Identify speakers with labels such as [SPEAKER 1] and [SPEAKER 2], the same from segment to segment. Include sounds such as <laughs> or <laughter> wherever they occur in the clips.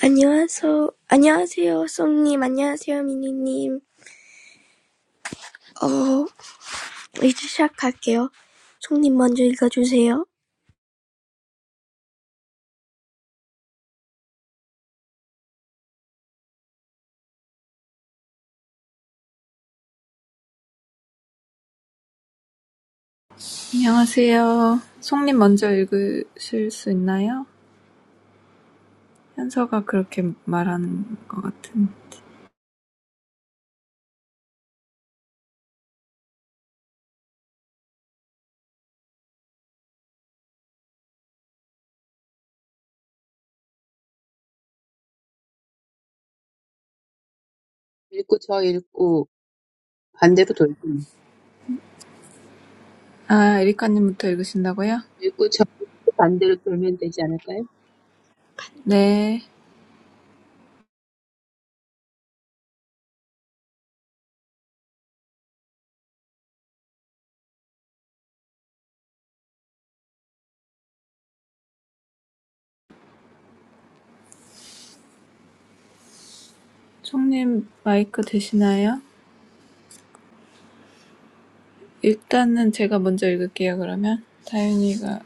[SPEAKER 1] 안녕하세요. 안녕하세요, 송님. 안녕하세요, 미니님. 어, 이제 시작할게요. 송님 먼저 읽어주세요.
[SPEAKER 2] 안녕하세요. 송님 먼저 읽으실 수 있나요? 현서가 그렇게 말하는 것 같은데.
[SPEAKER 3] 읽고 저 읽고 반대로 돌고
[SPEAKER 2] 아, 에리카님부터 읽으신다고요?
[SPEAKER 3] 읽고 저 읽고 반대로 돌면 되지 않을까요?
[SPEAKER 2] 네. 송님 마이크 되시나요? 일단은 제가 먼저 읽을게요, 그러면. 다윤이가.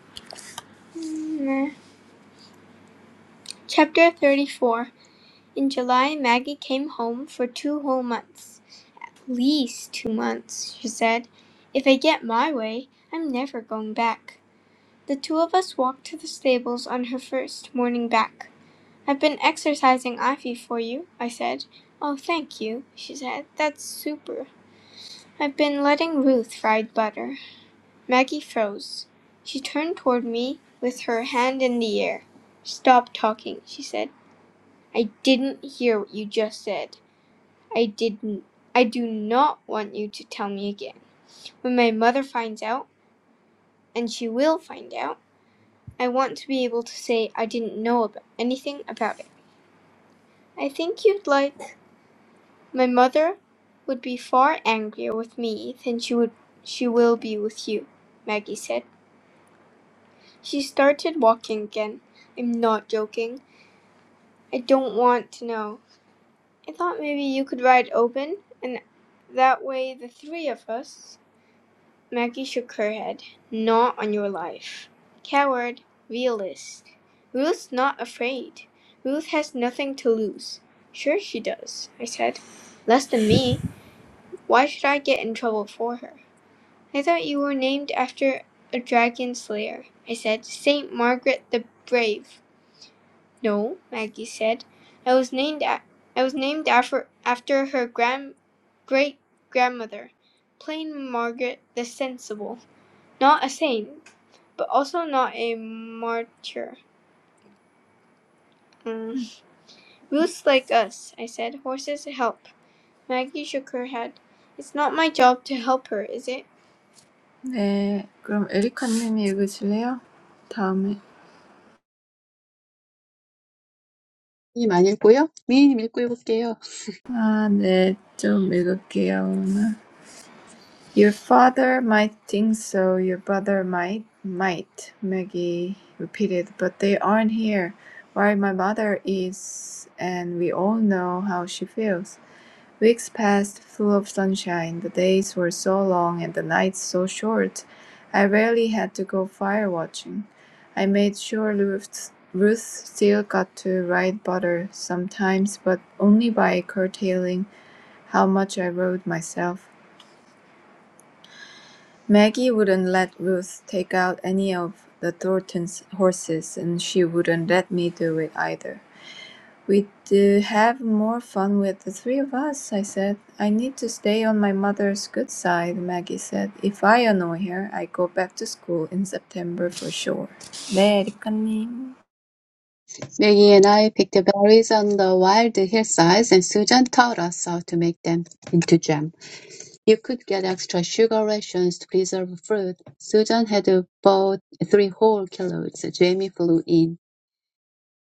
[SPEAKER 2] Meh. Chapter 34 In July, Maggie came home for two whole months. At least two months, she said. If I get my way, I'm never going back. The two of us walked to the stables on her first morning back. "I've been exercising Ivy for you," I said. "Oh, thank you," she said. "That's super. I've been letting Ruth ride Butter." Maggie froze. She turned toward me with her hand in the air. "Stop talking," she said. "I didn't hear what you just said. I didn't. I do not want you to tell me again. When my mother finds out, and she will find out, I want to be able to say I didn't know about anything about it. I think you'd like my mother would be far angrier with me than she would she will be with you, Maggie said. She started walking again. I'm not joking. I don't want to know. I thought maybe you could ride Open and that way the three of us Maggie shook her head. Not on your life. Coward. Realist. Ruth's not afraid. Ruth has nothing to lose. Sure she does, I said. Less than me. Why should I get in trouble for her? I thought you were named after a dragon slayer, I said. Saint Margaret the Brave. No, Maggie said. I was named a- I was named after after her grand great grandmother, plain Margaret the Sensible. Not a saint, but also not a martyr. Um, Roots like us, I said. Horses help. Maggie shook her head. It's not my job to help her, is it? 네, 그럼 에리카님이 읽으실래요? 다음에.
[SPEAKER 3] 이안 읽고요? 미니님 읽고 읽을게요.
[SPEAKER 2] 아, 네, 좀 읽을게요, 오늘. Your father might think so, your brother might, might, Maggie repeated, but they aren't here, while my mother is, and we all know how she feels. Weeks passed full of sunshine, the days were so long and the nights so short. I rarely had to go fire watching. I made sure Ruth, Ruth still got to ride butter sometimes, but only by curtailing how much I rode myself. Maggie wouldn't let Ruth take out any of the Thorntons' horses, and she wouldn't let me do it either. We'd uh, have more fun with the three of us, I said. I need to stay on my mother's good side, Maggie said. If I annoy her, I go back to school in September for sure. 네, 리카님.
[SPEAKER 3] Maggie and I picked berries on the wild hillsides and Susan taught us how to make them into jam. You could get extra sugar rations to preserve fruit. Susan had bought three whole kilos. Jamie flew in.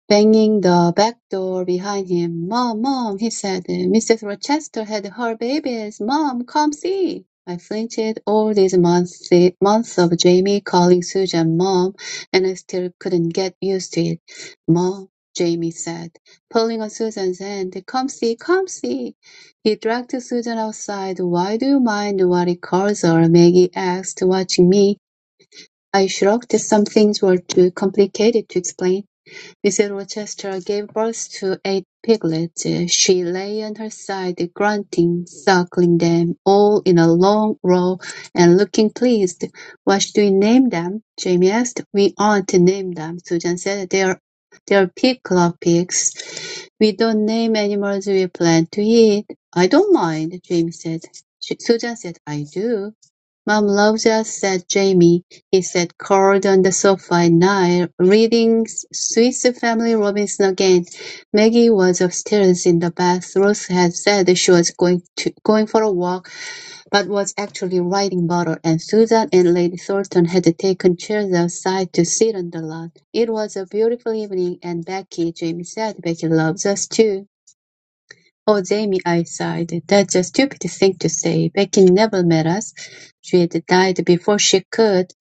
[SPEAKER 3] Banging the back door behind him. "Mom, Mom," he said, "Mrs. Rochester had her babies. Mom, come see." I flinched all these months, months of Jamie calling Susan Mom, and I still couldn't get used to it. Mom, Jamie said, pulling on Susan's hand, "Come see, come see." He dragged Susan outside. "Why do you mind what it calls her?" Maggie asked, watching me. I shrugged. Some things were too complicated to explain. Mrs. Rochester gave birth to eight piglets. She lay on her side, grunting, suckling them all in a long row and looking pleased. "What should we name them?" Jamie asked. "We aren't named them," Susan said. "They're they're pig club pigs. We don't name animals we plan to eat." "I don't mind," Jamie said. She, Susan said, "I do." "Mom loves us," said Jamie. He sat curled on the sofa at night, reading "Swiss Family Robinson" again. Maggie was upstairs in the bath. Ruth had said she was going to going for a walk, but was actually writing butter, and Susan and Lady Thornton had taken chairs outside to sit on the lawn. It was a beautiful evening, and "Becky," Jamie said, "Becky loves us too." "Oh, Jamie," I sighed, "that's a stupid thing to say. Becky never met us. she had died before she could.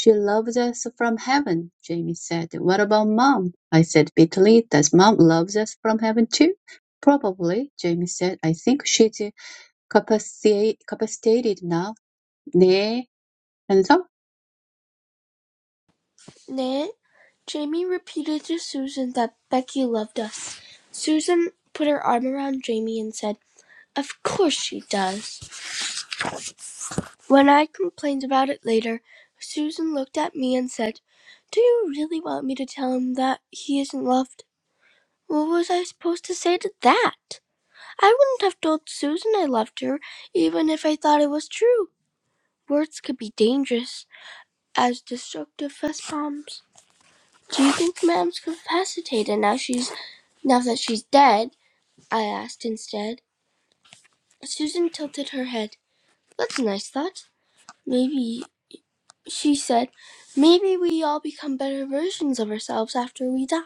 [SPEAKER 3] She loves us from heaven," Jamie said. "What about Mom?" I said bitterly. "Does Mom love us from heaven too?" "Probably," Jamie said. "I think she's capacita- capacitated now. 네, and so
[SPEAKER 1] 네. Jamie repeated to Susan that Becky loved us. Susan put her arm around Jamie and said, Of course she does. When I complained about it later, Susan looked at me and said, Do you really want me to tell him that he isn't loved? What was I supposed to say to that? I wouldn't have told Susan I loved her, even if I thought it was true. Words could be dangerous, as destructive as bombs. Do you think Mam's incapacitated now she's now that she's dead? I asked instead. Susan tilted her head. That's a nice thought. Maybe she said, maybe we all become better versions of ourselves after we die.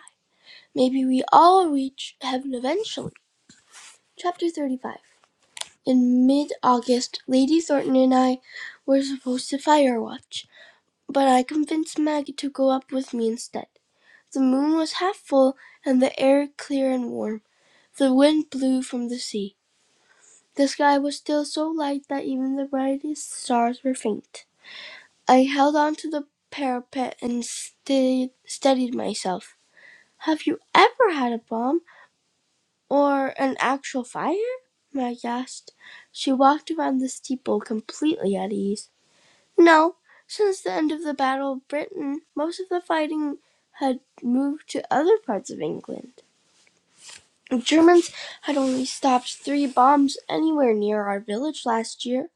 [SPEAKER 1] Maybe we all reach heaven eventually. Chapter 35 In mid August, Lady Thornton and I were supposed to fire watch, but I convinced Maggie to go up with me instead. The moon was half full and the air clear and warm. The wind blew from the sea. The sky was still so light that even the brightest stars were faint. I held on to the parapet and steadied, steadied myself. Have you ever had a bomb or an actual fire? Maggie asked. She walked around the steeple completely at ease. No, since the end of the Battle of Britain, most of the fighting had moved to other parts of England. The Germans had only stopped three bombs anywhere near our village last year.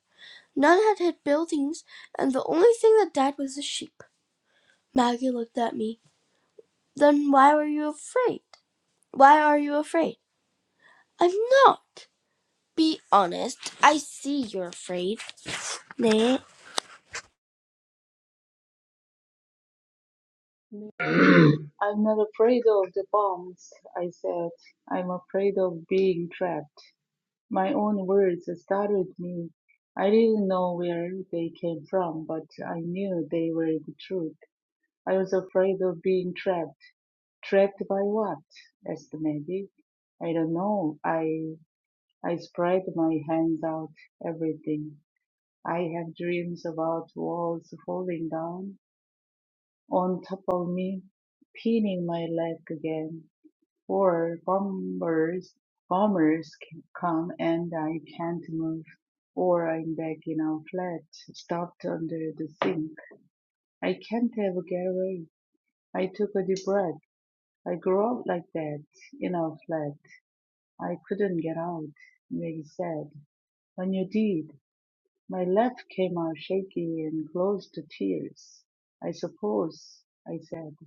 [SPEAKER 1] None had hit buildings, and the only thing that died was a sheep. Maggie looked at me. Then why were you afraid? Why are you afraid? I'm not. Be honest. I see you're afraid. Nay,
[SPEAKER 4] I'm not afraid of the bombs, I said. I'm afraid of being trapped. My own words startled me. I didn't know where they came from, but I knew they were the truth. I was afraid of being trapped. Trapped by what? asked Maggie. I don't know. I, I spread my hands out, everything. I have dreams about walls falling down on top of me, pinning my leg again. Or bombers bombers c- come and I can't move, or I'm back in our flat, stuffed under the sink. I can't ever get away. I took a deep breath. I grew up like that, in our flat. I couldn't get out, Maggie said. When you did, my left came out shaky and close to tears. I suppose, I said.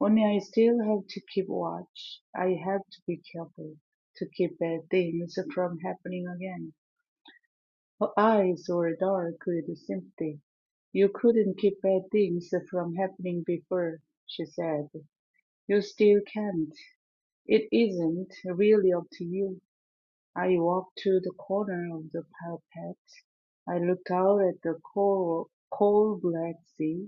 [SPEAKER 4] Only I still have to keep watch. I have to be careful to keep bad things from happening again. Her eyes were dark with sympathy. You couldn't keep bad things from happening before, she said. You still can't. It isn't really up to you. I walked to the corner of the parapet. I looked out at the cold, cold black sea.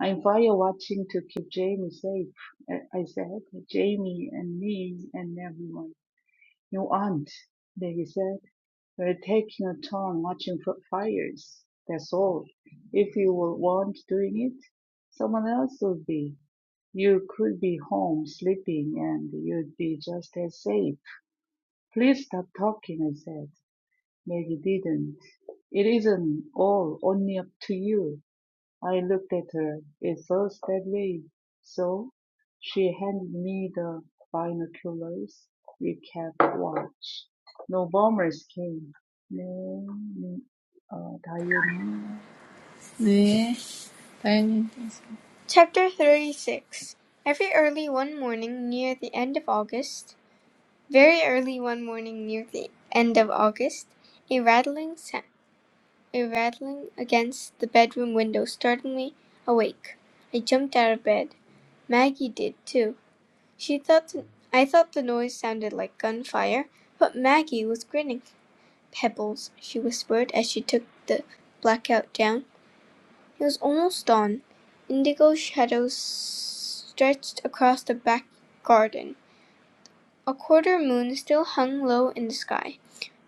[SPEAKER 4] I'm fire watching to keep Jamie safe, I I said. Jamie and me and everyone. Your aunt, not they said. We're taking a turn watching for fires. That's all. If you were- weren't doing it, someone else would be. You could be home sleeping and you'd be just as safe. Please stop talking, I said. Maggie didn't. It isn't all only up to you. I looked at her. It feels that way. So she handed me the binoculars. We kept watch. No bombers came. 네, 네, 어, 다이언님
[SPEAKER 2] 네, 다현님. Chapter 36 Every early one morning near the end of August, very early one morning near the end of August, a rattling sa- a rattling against the bedroom window startled me awake. I jumped out of bed. Maggie did too. She thought the, I thought the noise sounded like gunfire, but Maggie was grinning. "Pebbles," she whispered as she took the blackout down. It was almost dawn. Indigo shadows stretched across the back garden. A quarter moon still hung low in the sky.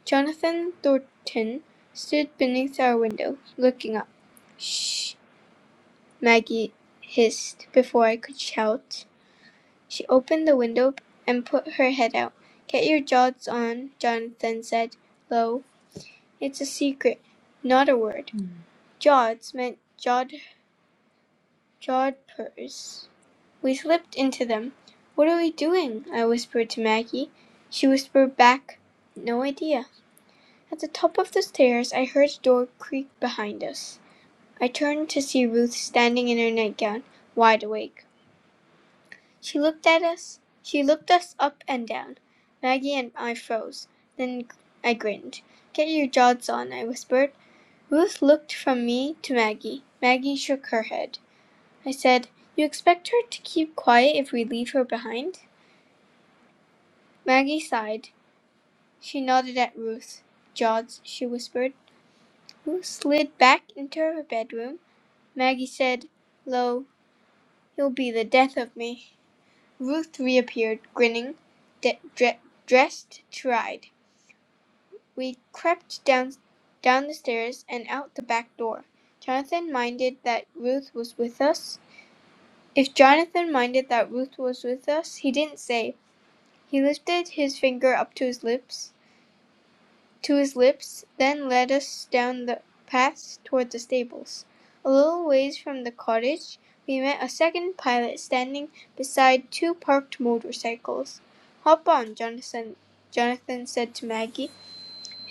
[SPEAKER 2] Jonathan Thornton stood beneath our window, looking up. Shh, Maggie hissed before I could shout. She opened the window and put her head out. "Get your jods on," Jonathan said low. "It's a secret. Not a word." Jods meant jod jodhpurs. We slipped into them. "What are we doing?" I whispered to Maggie. She whispered back, "No idea." At the top of the stairs I heard a door creak behind us. I turned to see Ruth standing in her nightgown, wide awake. She looked at us. She looked us up and down. Maggie and I froze. Then I grinned. "Get your jods on," I whispered. Ruth looked from me to Maggie. Maggie shook her head. I said, "You expect her to keep quiet if we leave her behind?" Maggie sighed. She nodded at Ruth. "Jods," she whispered. Ruth slid back into her bedroom. Maggie said, "Lo, you'll be the death of me." Ruth reappeared, grinning, de- dre- dressed to ride. We crept down, down the stairs and out the back door. Jonathan minded that Ruth was with us. If Jonathan minded that Ruth was with us, he didn't say. He lifted his finger up to his lips, to his lips, then led us down the path toward the stables. A little ways from the cottage, we met a second pilot standing beside two parked motorcycles. Hop on, Jonathan, Jonathan said to Maggie.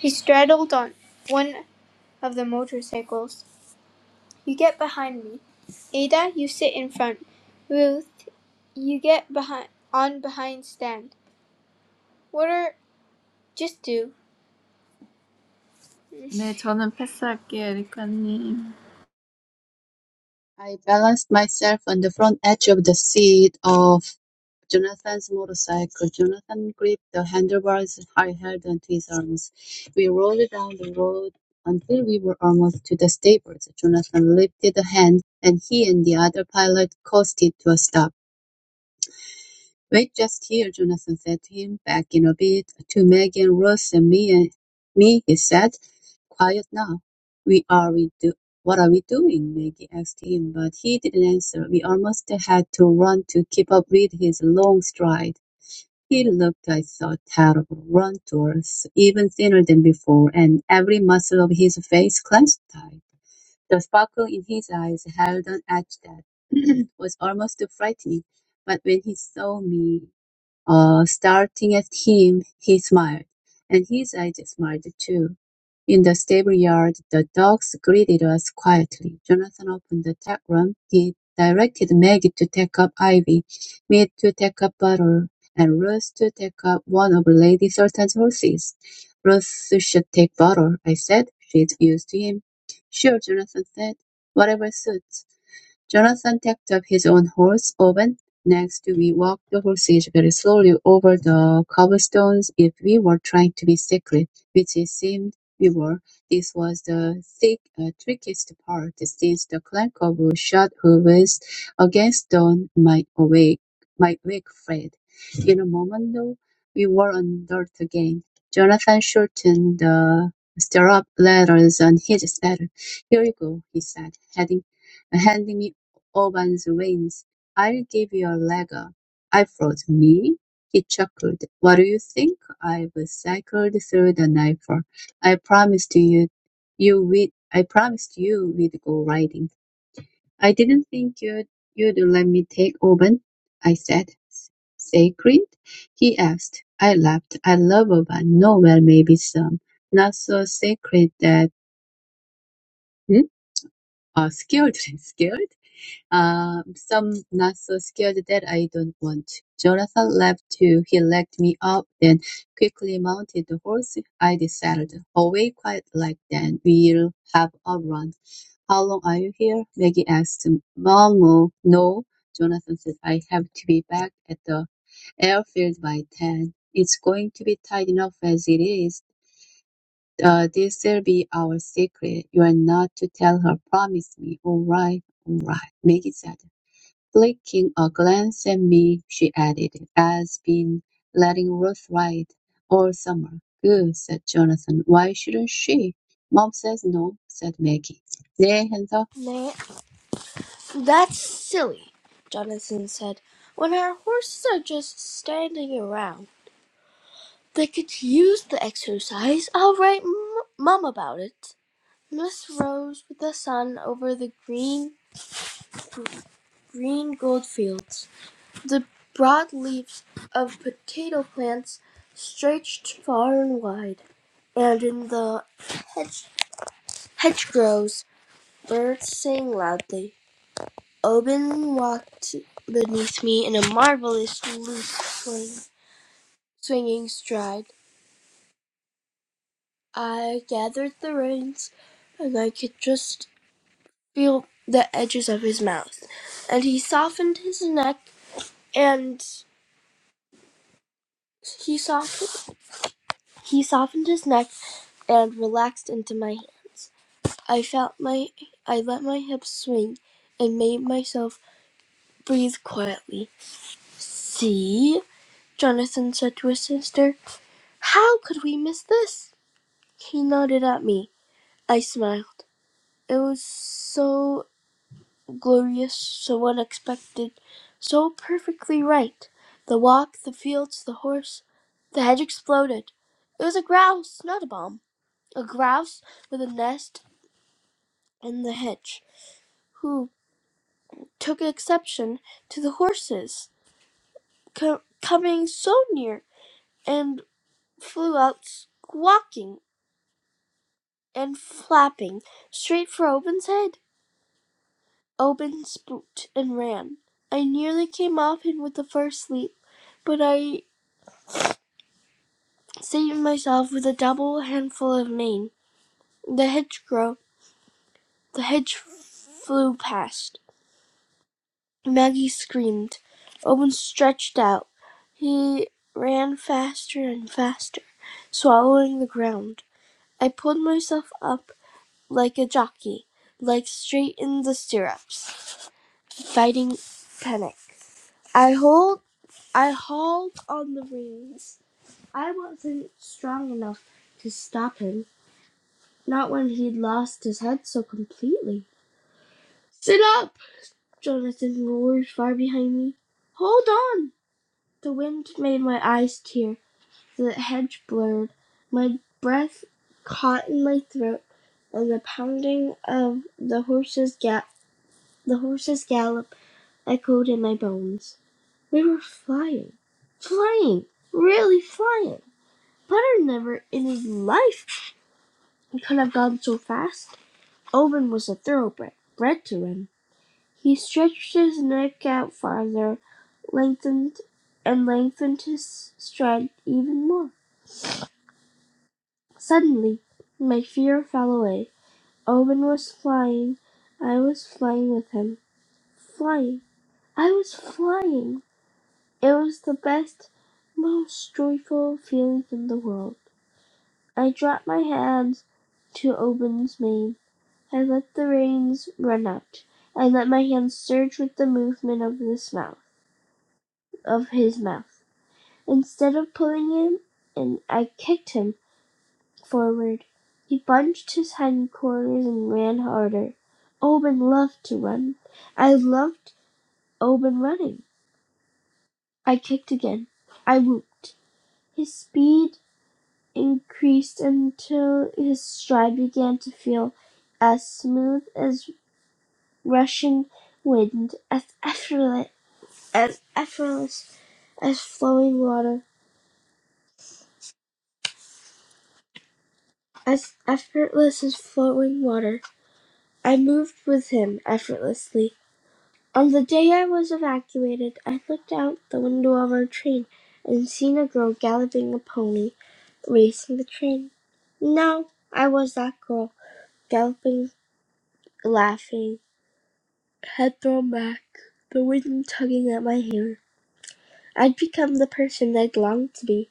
[SPEAKER 2] He straddled on one of the motorcycles. You get behind me. Ada, you sit in front. Ruth, you get behind on behind stand. What are just do. 네, 저는 패스할게요, 에리카님.
[SPEAKER 3] I balanced myself on the front edge of the seat of Jonathan's motorcycle. Jonathan gripped the handlebars I held onto his arms. We rolled down the road until we were almost to the stables. Jonathan lifted a hand, and he and the other pilot caused it to a stop. Wait just here, Jonathan said to him. Back in a bit, to Maggie and Russ and me, and me, he said. Quiet now. We are we do. What are we doing? Maggie asked him, but he didn't answer. We almost had to run to keep up with his long stride. He looked, I thought, terrible, run-towards, even thinner than before, and every muscle of his face clenched tight. The sparkle in his eyes held an edge that <clears throat> was almost frightening. But when he saw me uh, starting at him, he smiled, and his eyes smiled too. In the stable yard, the dogs greeted us quietly. Jonathan opened the tack room. He directed Maggie to take up Ivy, me to take up Butter, and Ruth to take up one of Lady Sultan's horses. Ruth should take Butter, I said. She's used to him. Sure, Jonathan said. Whatever suits. Jonathan tacked up his own horse, Owen. Next, we walked the horses very slowly over the cobblestones. If we were trying to be secret, which it seemed we were, this was the thick, uh, trickiest part, since the clank of shod hooves against stone might awake, might wake Fred. In a moment, though, we were on dirt again. Jonathan shortened the stirrup letters on his saddle. "Here you go," he said, heading uh, handing me Orban's reins. I'll give you a lagger. I froze. Me? He chuckled. What do you think? I've cycled through the Dnieper. I promised you, you would, I promised you we'd go riding. I didn't think you'd, you'd let me take Orban, I said. Sacred? He asked. I laughed. I love Orban. No, well, maybe some. Not so sacred that, hmm? Oh, skilled, skilled? <laughs> Um, some not so scared that I don't want. Jonathan laughed too. He looked me up, then quickly mounted the horse I decided Away quite like then. We'll have a run. How long are you here? Maggie asked. Mom, no, no," Jonathan said. I have to be back at the airfield by ten. It's going to be tight enough as it is. Uh, this'll be our secret. You're not to tell her. Promise me. All right, all right. Maggie said. Flicking a glance at me, she added, "I've been letting Ruth ride all summer." "Good," said Jonathan. "Why shouldn't she?" "Mom says no," said Maggie. 네, 해서
[SPEAKER 1] nay. That's silly, Jonathan said. When our horses are just standing around, they could use the exercise. I'll write m- Mum about it. Miss rose with the sun over the green, green gold fields. The broad leaves of potato plants stretched far and wide, and in the hedge- hedgerows, birds sang loudly. Oban walked beneath me in a marvelous loose swing, swinging stride. I gathered the reins, and I could just feel the edges of his mouth. And he softened his neck, and he softened he softened his neck, and relaxed into my hands. I felt my I let my hips swing, and made myself breathe quietly. See, Jonathan said to his sister, how could we miss this? He nodded at me. I smiled. It was so glorious, so unexpected, so perfectly right. The walk, the fields, the horse. The hedge exploded. It was a grouse, not a bomb. A grouse with a nest in the hedge, who took exception to the horses co- coming so near and flew out squawking and flapping straight for Owen's head. Owen spooked and ran. I nearly came off him with the first leap, but I saved myself with a double handful of mane. The hedgerow, the hedge flew past. Maggie screamed. Owen stretched out. He ran faster and faster, swallowing the ground. I pulled myself up like a jockey, like straight in the stirrups, fighting panic. I hold I hauled on the reins. I wasn't strong enough to stop him, not when he'd lost his head so completely. Sit up! Jonathan roared far behind me. Hold on! The wind made my eyes tear, the hedge blurred, my breath caught in my throat, and the pounding of the horse's gap the horse's gallop echoed in my bones. We were flying, flying, really flying. Butter never in his life could have gone so fast. Owen was a thoroughbred, bred to him. He stretched his neck out farther, lengthened and lengthened his stride even more. Suddenly my fear fell away. Owen was flying. I was flying with him. Flying. I was flying. It was the best, most joyful feeling in the world. I dropped my hands to Owen's mane I let the reins run out. I let my hand surge with the movement of this mouth, of his mouth. Instead of pulling him and I kicked him forward. He bunched his hindquarters and ran harder. Owen loved to run. I loved Owen running. I kicked again. I whooped. His speed increased until his stride began to feel as smooth as rushing wind, as effortless as effortless as flowing water. As effortless as flowing water, I moved with him effortlessly. On the day I was evacuated, I looked out the window of our train and seen a girl galloping a pony, racing the train. Now I was that girl, galloping, laughing, head thrown back, the wind tugging at my hair. I'd become the person I'd longed to be.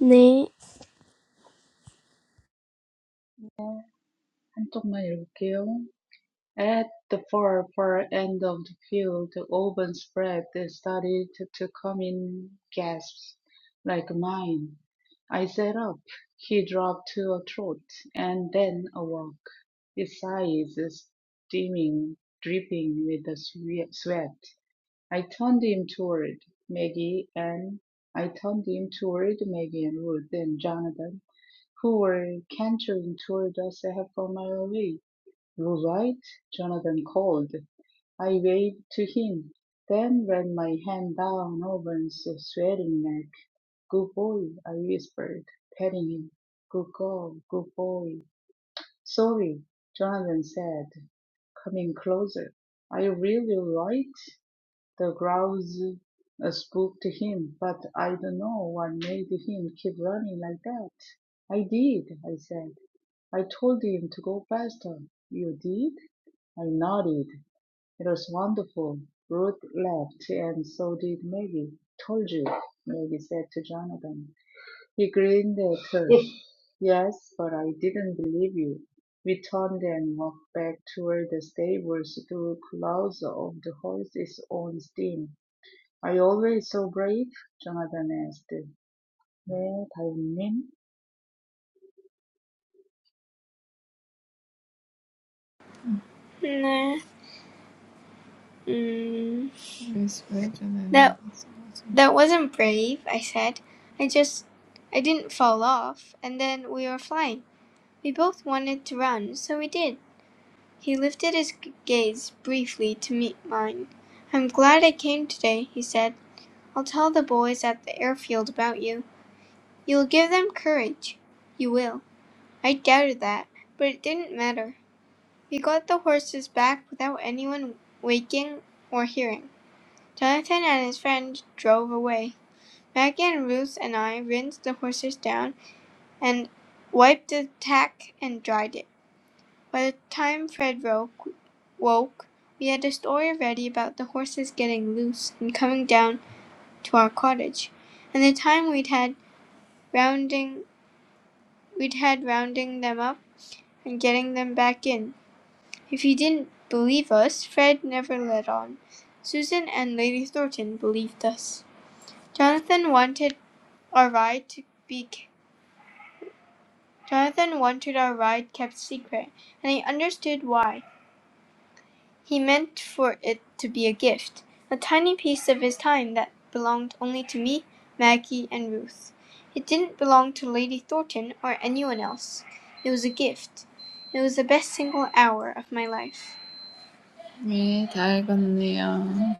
[SPEAKER 1] Nay,
[SPEAKER 4] 한쪽만 읽을게요. At the far, far end of the field, the oven spread that started to come in gasps, like mine. I sat up. He dropped to a trot, and then a walk, his sides steaming, dripping with the swe- sweat. I turned him toward Maggie and I turned him toward Maggie and Ruth and Jonathan, who were cantering toward us a half a mile away. "You're right," Jonathan called. I waved to him, then ran my hand down Owen's sweating neck. "Good boy!" I whispered, patting him. "Good girl! Good boy!" "Sorry," Jonathan said, coming closer. "Are you really all right?" The grouse, uh, spooked him, but I don't know what made him keep running like that. "I did," I said. "I told him to go faster." "You did?" I nodded. It was wonderful. Ruth laughed, and so did Maggie. Told you, Maggie said to Jonathan. He grinned at her. <laughs> yes, but I didn't believe you. We turned and walked back toward the stables through clouds of the horse's own steam. Are you always so brave? Jonathan asked. 네, 다윗님.
[SPEAKER 2] 네. 음. that that wasn't brave, I said. I just I didn't fall off and then we were flying. We both wanted to run, so we did. He lifted his gaze briefly to meet mine. "I'm glad I came today," he said. "I'll tell the boys at the airfield about you. You'll give them courage. You will." I doubted that, but it didn't matter. We got the horses back without anyone waking or hearing. Jonathan and his friend drove away. Maggie and Ruth and I rinsed the horses down and wiped the tack and dried it. By the time Fred woke, woke, we had a story ready about the horses getting loose and coming down to our cottage, and the time we'd had rounding we'd had rounding them up and getting them back in. If he didn't believe us, Fred never let on. Susan and Lady Thornton believed us. Jonathan wanted our ride to be Jonathan wanted our ride kept secret, and he understood why. He meant for it to be a gift, a tiny piece of his time that belonged only to me, Maggie, and Ruth. It didn't belong to Lady Thornton or anyone else. It was a gift. It was the best single hour of my life. 네, 다 읽었네요.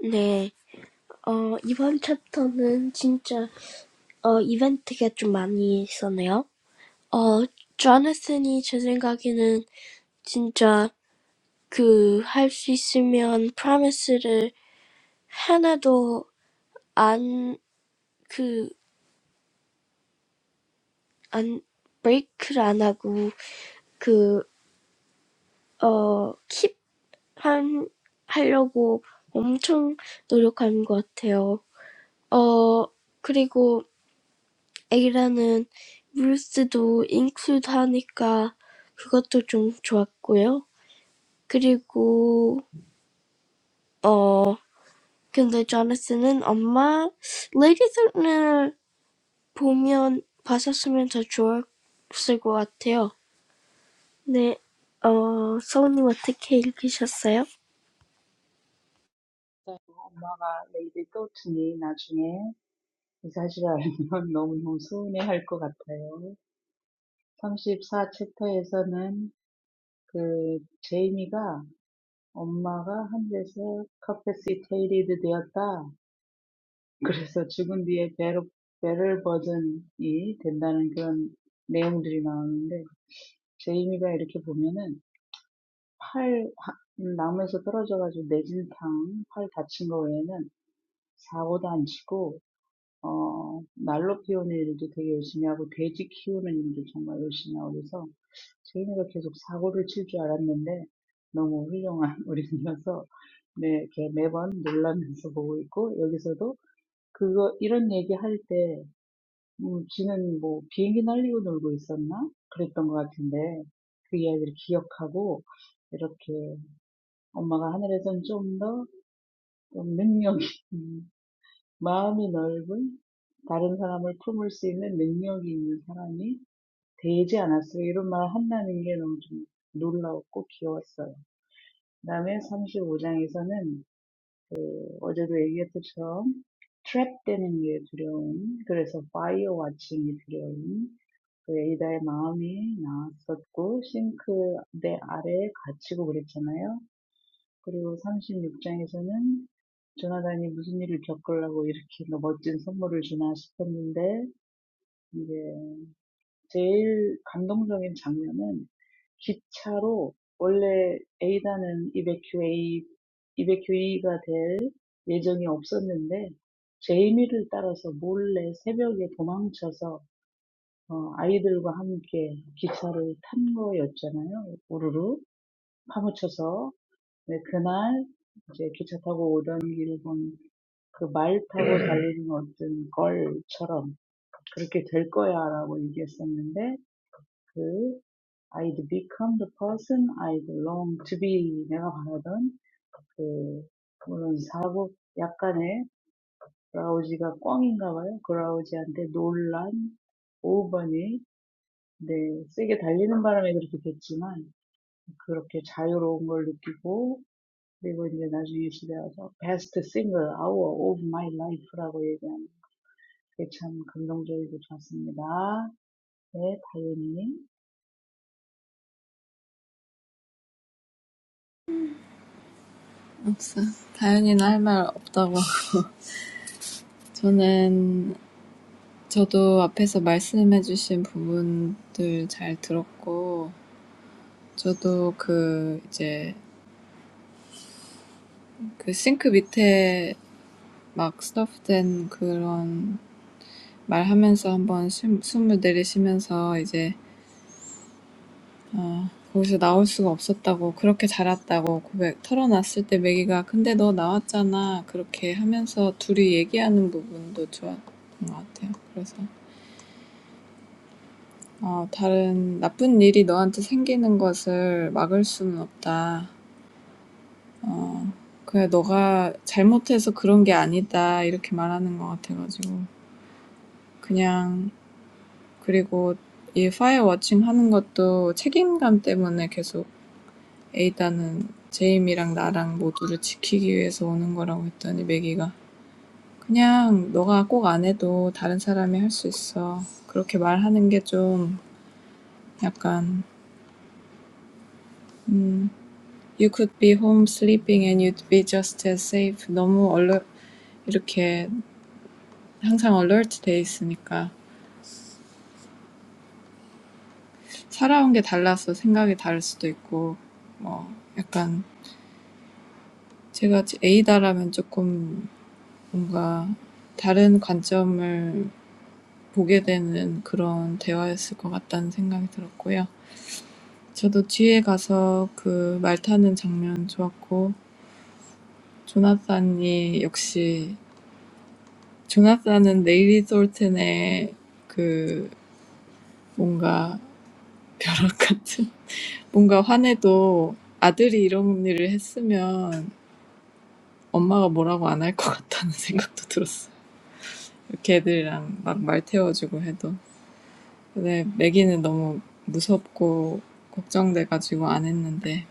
[SPEAKER 1] nay. 어, 이번 챕터는 진짜, 어, 이벤트가 좀 많이 있었네요. 어, 조나슨이 제 생각에는 진짜 그, 할 수 있으면 프라미스를 하나도 안, 그, 안, 브레이크를 안 하고, 그, 어, 킵, 한, 하려고 엄청 노력하는 것 같아요. 어, 그리고 애기라는 브루스도 인클루드 하니까 그것도 좀 좋았고요. 그리고 어 근데 조나스는 엄마 레이디 썬을 보면 봤었으면 더 좋았을 것 같아요. 네, 어 서훈님 어떻게 읽으셨어요?
[SPEAKER 4] 엄마가 내일이 또 주니 나중에 이 사실 알면 너무너무 서운해할 것 같아요. 34 챕터에서는 그 제이미가 엄마가 하늘에서 커패시테이티드 되었다. 그래서 죽은 뒤에 배로, 배럴 버전이 된다는 그런 내용들이 나오는데 제이미가 이렇게 보면은 팔 하- 나무에서 떨어져가지고 내진탕 팔 다친 거 외에는 사고도 안 치고 어, 날로 키우는 일도 되게 열심히 하고, 돼지 키우는 일도 정말 열심히 하고, 그래서 제인이가 계속 사고를 칠줄 알았는데, 너무 훌륭한 <laughs> 어린이라서, 네, 이렇게 매번 놀라면서 보고 있고, 여기서도 그거, 이런 얘기 할 때, 음, 지는 뭐 비행기 날리고 놀고 있었나? 그랬던 것 같은데, 그 이야기를 기억하고, 이렇게 엄마가 하늘에선 좀 더, 좀 능력이 <laughs> 마음이 넓은 다른 사람을 품을 수 있는 능력이 있는 사람이 되지 않았어요. 이런 말 한다는 게 너무 좀 놀라웠고 귀여웠어요. 그다음에 35장에서는 어제도 얘기했듯처럼 트랩되는 게 두려운 그래서 파이어 와칭이 두려운 그 에이다의 마음이 나왔었고 싱크대 아래에 갇히고 그랬잖아요. 그리고 36장에서는 조나단이 무슨 일을 겪으려고 이렇게 멋진 선물을 주나 싶었는데 이제 제일 감동적인 장면은 기차로 원래 에이다는 A다는 이베큐이가 될 예정이 없었는데 제이미를 따라서 몰래 새벽에 도망쳐서 어, 아이들과 함께 기차를 탄 거였잖아요. 우르르 파묻혀서 네, 그날 이제 기차 타고 오던 길을 본그 말 타고 달리는 어떤 걸처럼 그렇게 될 거야라고 얘기했었는데 그 I'd become the person I long to be 내가 바라던 그 그런 사고 약간의 브라우지가 꽝인가 봐요. 브라우지한테 놀란 5번이 네, 세게 달리는 바람에 그렇게 됐지만 그렇게 자유로운 걸 느끼고 그리고 이제 나중에 집에 와서 best single hour of my life라고 얘기하는 그게 참 감동적이고 좋았습니다. 네, 다현이님.
[SPEAKER 2] 없어. 다현이는 할말 없다고 하고. <laughs> 저는, 저도 앞에서 말씀해주신 부분들 잘 들었고, 저도 그, 이제, 그 싱크 밑에 막 스토프된 그런 말 하면서 한번 숨, 숨을 내리시면서 이제 어, 거기서 나올 수가 없었다고 그렇게 자랐다고 고백 털어놨을 때 매기가 근데 너 나왔잖아 그렇게 하면서 둘이 얘기하는 부분도 좋았던 것 같아요. 그래서 어, 다른 나쁜 일이 너한테 생기는 것을 막을 수는 없다. 어, 그래 너가 잘못해서 그런 게 아니다 이렇게 말하는 것 같아가지고 그냥 그리고 이 파일 워칭 하는 것도 책임감 때문에 계속 에이다는 제임이랑 나랑 모두를 지키기 위해서 오는 거라고 했더니 매기가 그냥 너가 꼭 안 해도 다른 사람이 할 수 있어. 그렇게 말하는 게 좀 약간 음, you could be home sleeping and you'd be just as safe. 너무 얼른 이렇게 항상 alert 돼 있으니까 살아온 게 달라서 생각이 다를 수도 있고 뭐 약간 제가 에이다라면 조금 뭔가 다른 관점을 보게 되는 그런 대화였을 것 같다는 생각이 들었고요. 저도 뒤에 가서 그 말 타는 장면 좋았고, 조나단이 역시, 조나단은 네일리 솔튼의 그 뭔가 벼락 같은, <laughs> 뭔가 화내도 아들이 이런 일을 했으면 엄마가 뭐라고 안 할 것 같다는 <laughs> 생각도 들었어요. 이렇게 막말 태워주고 해도. 근데 매기는 너무 무섭고 걱정돼가지고 안 했는데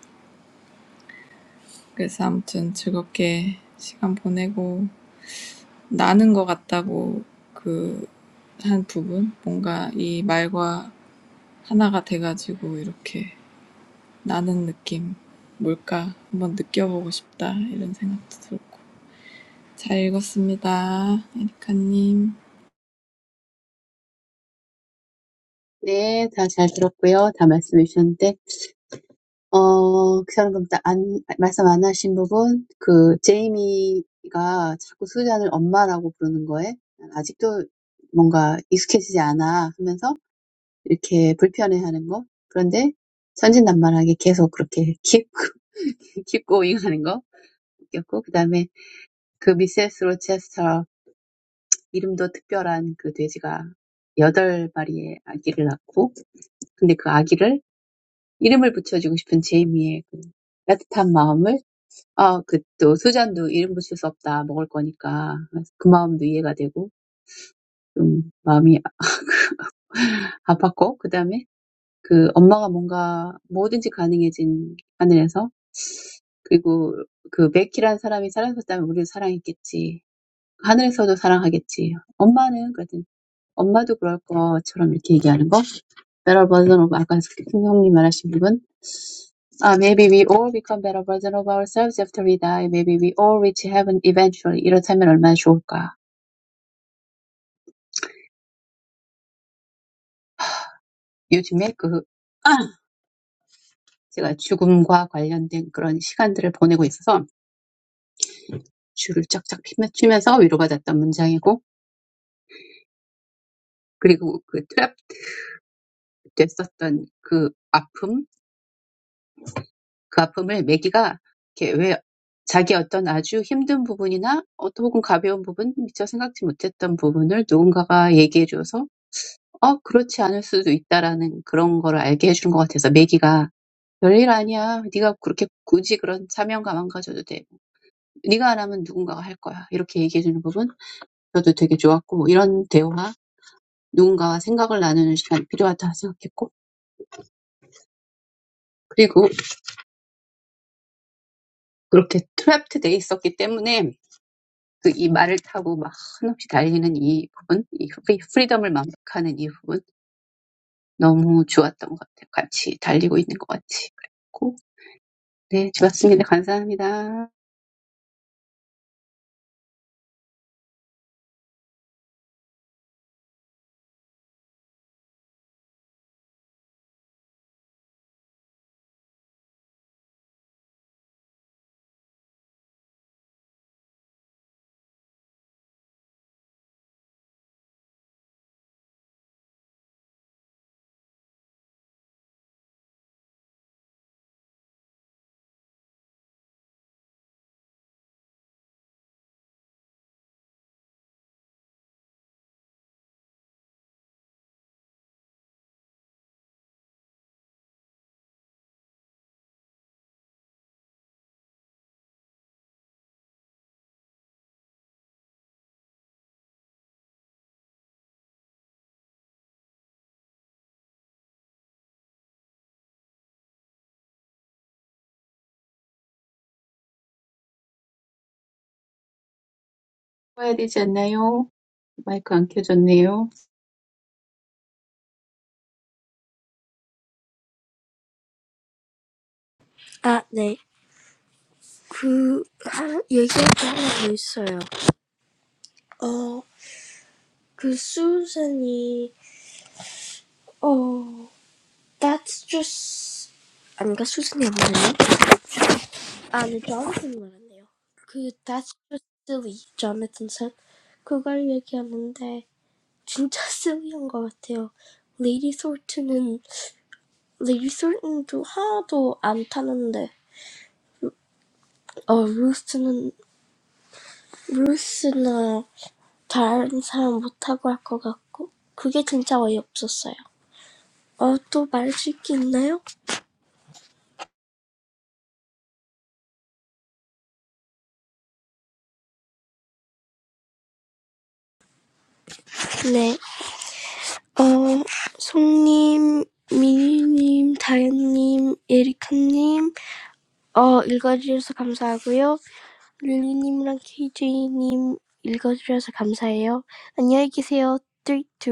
[SPEAKER 2] 그래서 아무튼 즐겁게 시간 보내고 나는 것 같다고 그 한 부분 뭔가 이 말과 하나가 돼가지고 이렇게 나는 느낌 뭘까 한번 느껴보고 싶다 이런 생각도 들고 잘 읽었습니다 에리카님
[SPEAKER 3] 네, 다 잘 들었고요. 다 말씀해 주셨는데 어, 그 사람도 안, 말씀 안 하신 부분 그 제이미가 자꾸 수잔을 엄마라고 부르는 거에 난 아직도 뭔가 익숙해지지 않아 하면서 이렇게 불편해하는 거. 그런데 천진난만하게 계속 그렇게 keep, <laughs> keep going 하는 거 웃겼고 그다음에 그 미세스 로체스터 이름도 특별한 그 돼지가 여덟 마리의 아기를 낳고 근데 그 아기를 이름을 붙여주고 싶은 제이미의 그 따뜻한 마음을 아, 그또 수잔도 이름 붙일 수 없다. 먹을 거니까. 그래서 그 마음도 이해가 되고 좀 마음이 아팠고 그 다음에 그 엄마가 뭔가 뭐든지 가능해진 하늘에서 And if Mackey, that person, was alive, we would love him. Heaven would love him too. Mom would, too. Mom would do that too, like he's saying. Better version of what your brother said. Maybe we all become better versions of ourselves after we die. Maybe we all reach heaven eventually. If that's true, that would be so nice. I've been spending time with death lately, so I'm humming and humming this comforting phrase. And I used the trap for that pain. 그 아픔을 매기가 이렇게 왜 자기 어떤 아주 힘든 부분이나 어떤 혹은 가벼운 부분, 미처 생각지 못했던 부분을 누군가가 얘기해줘서 어 그렇지 않을 수도 있다라는 그런 거를 알게 해준 것 같아서 매기가 별일 아니야. 네가 그렇게 굳이 그런 사명감 안 가져도 돼. 네가 안 하면 누군가가 할 거야. 이렇게 얘기해주는 부분 저도 되게 좋았고 이런 대화 누군가와 생각을 나누는 시간이 필요하다 생각했고 그리고 그렇게 트랩돼 있었기 때문에 그이 말을 타고 막 한없이 달리는 이 부분, 이 프리, 프리덤을 만끽하는 이 부분 너무 좋았던 것 같아요. 같이 달리고 있는 것 같이. 그랬고 네, 좋았습니다. 감사합니다. 해야 되지 않나요? 마이크 안 켜졌네요.
[SPEAKER 1] 아, 네. 그 하나 얘기할 게 하나 더 있어요. 어, 그 수선이 어, that's just 아닌가 수선이 없네요. And Jonathan said, "That's really Jonathan said." He said, "That's really." 어, 읽어주셔서 감사하고요. 릴리님이랑 KJ님 읽어주셔서 감사해요. 안녕히 계세요. 3, 2,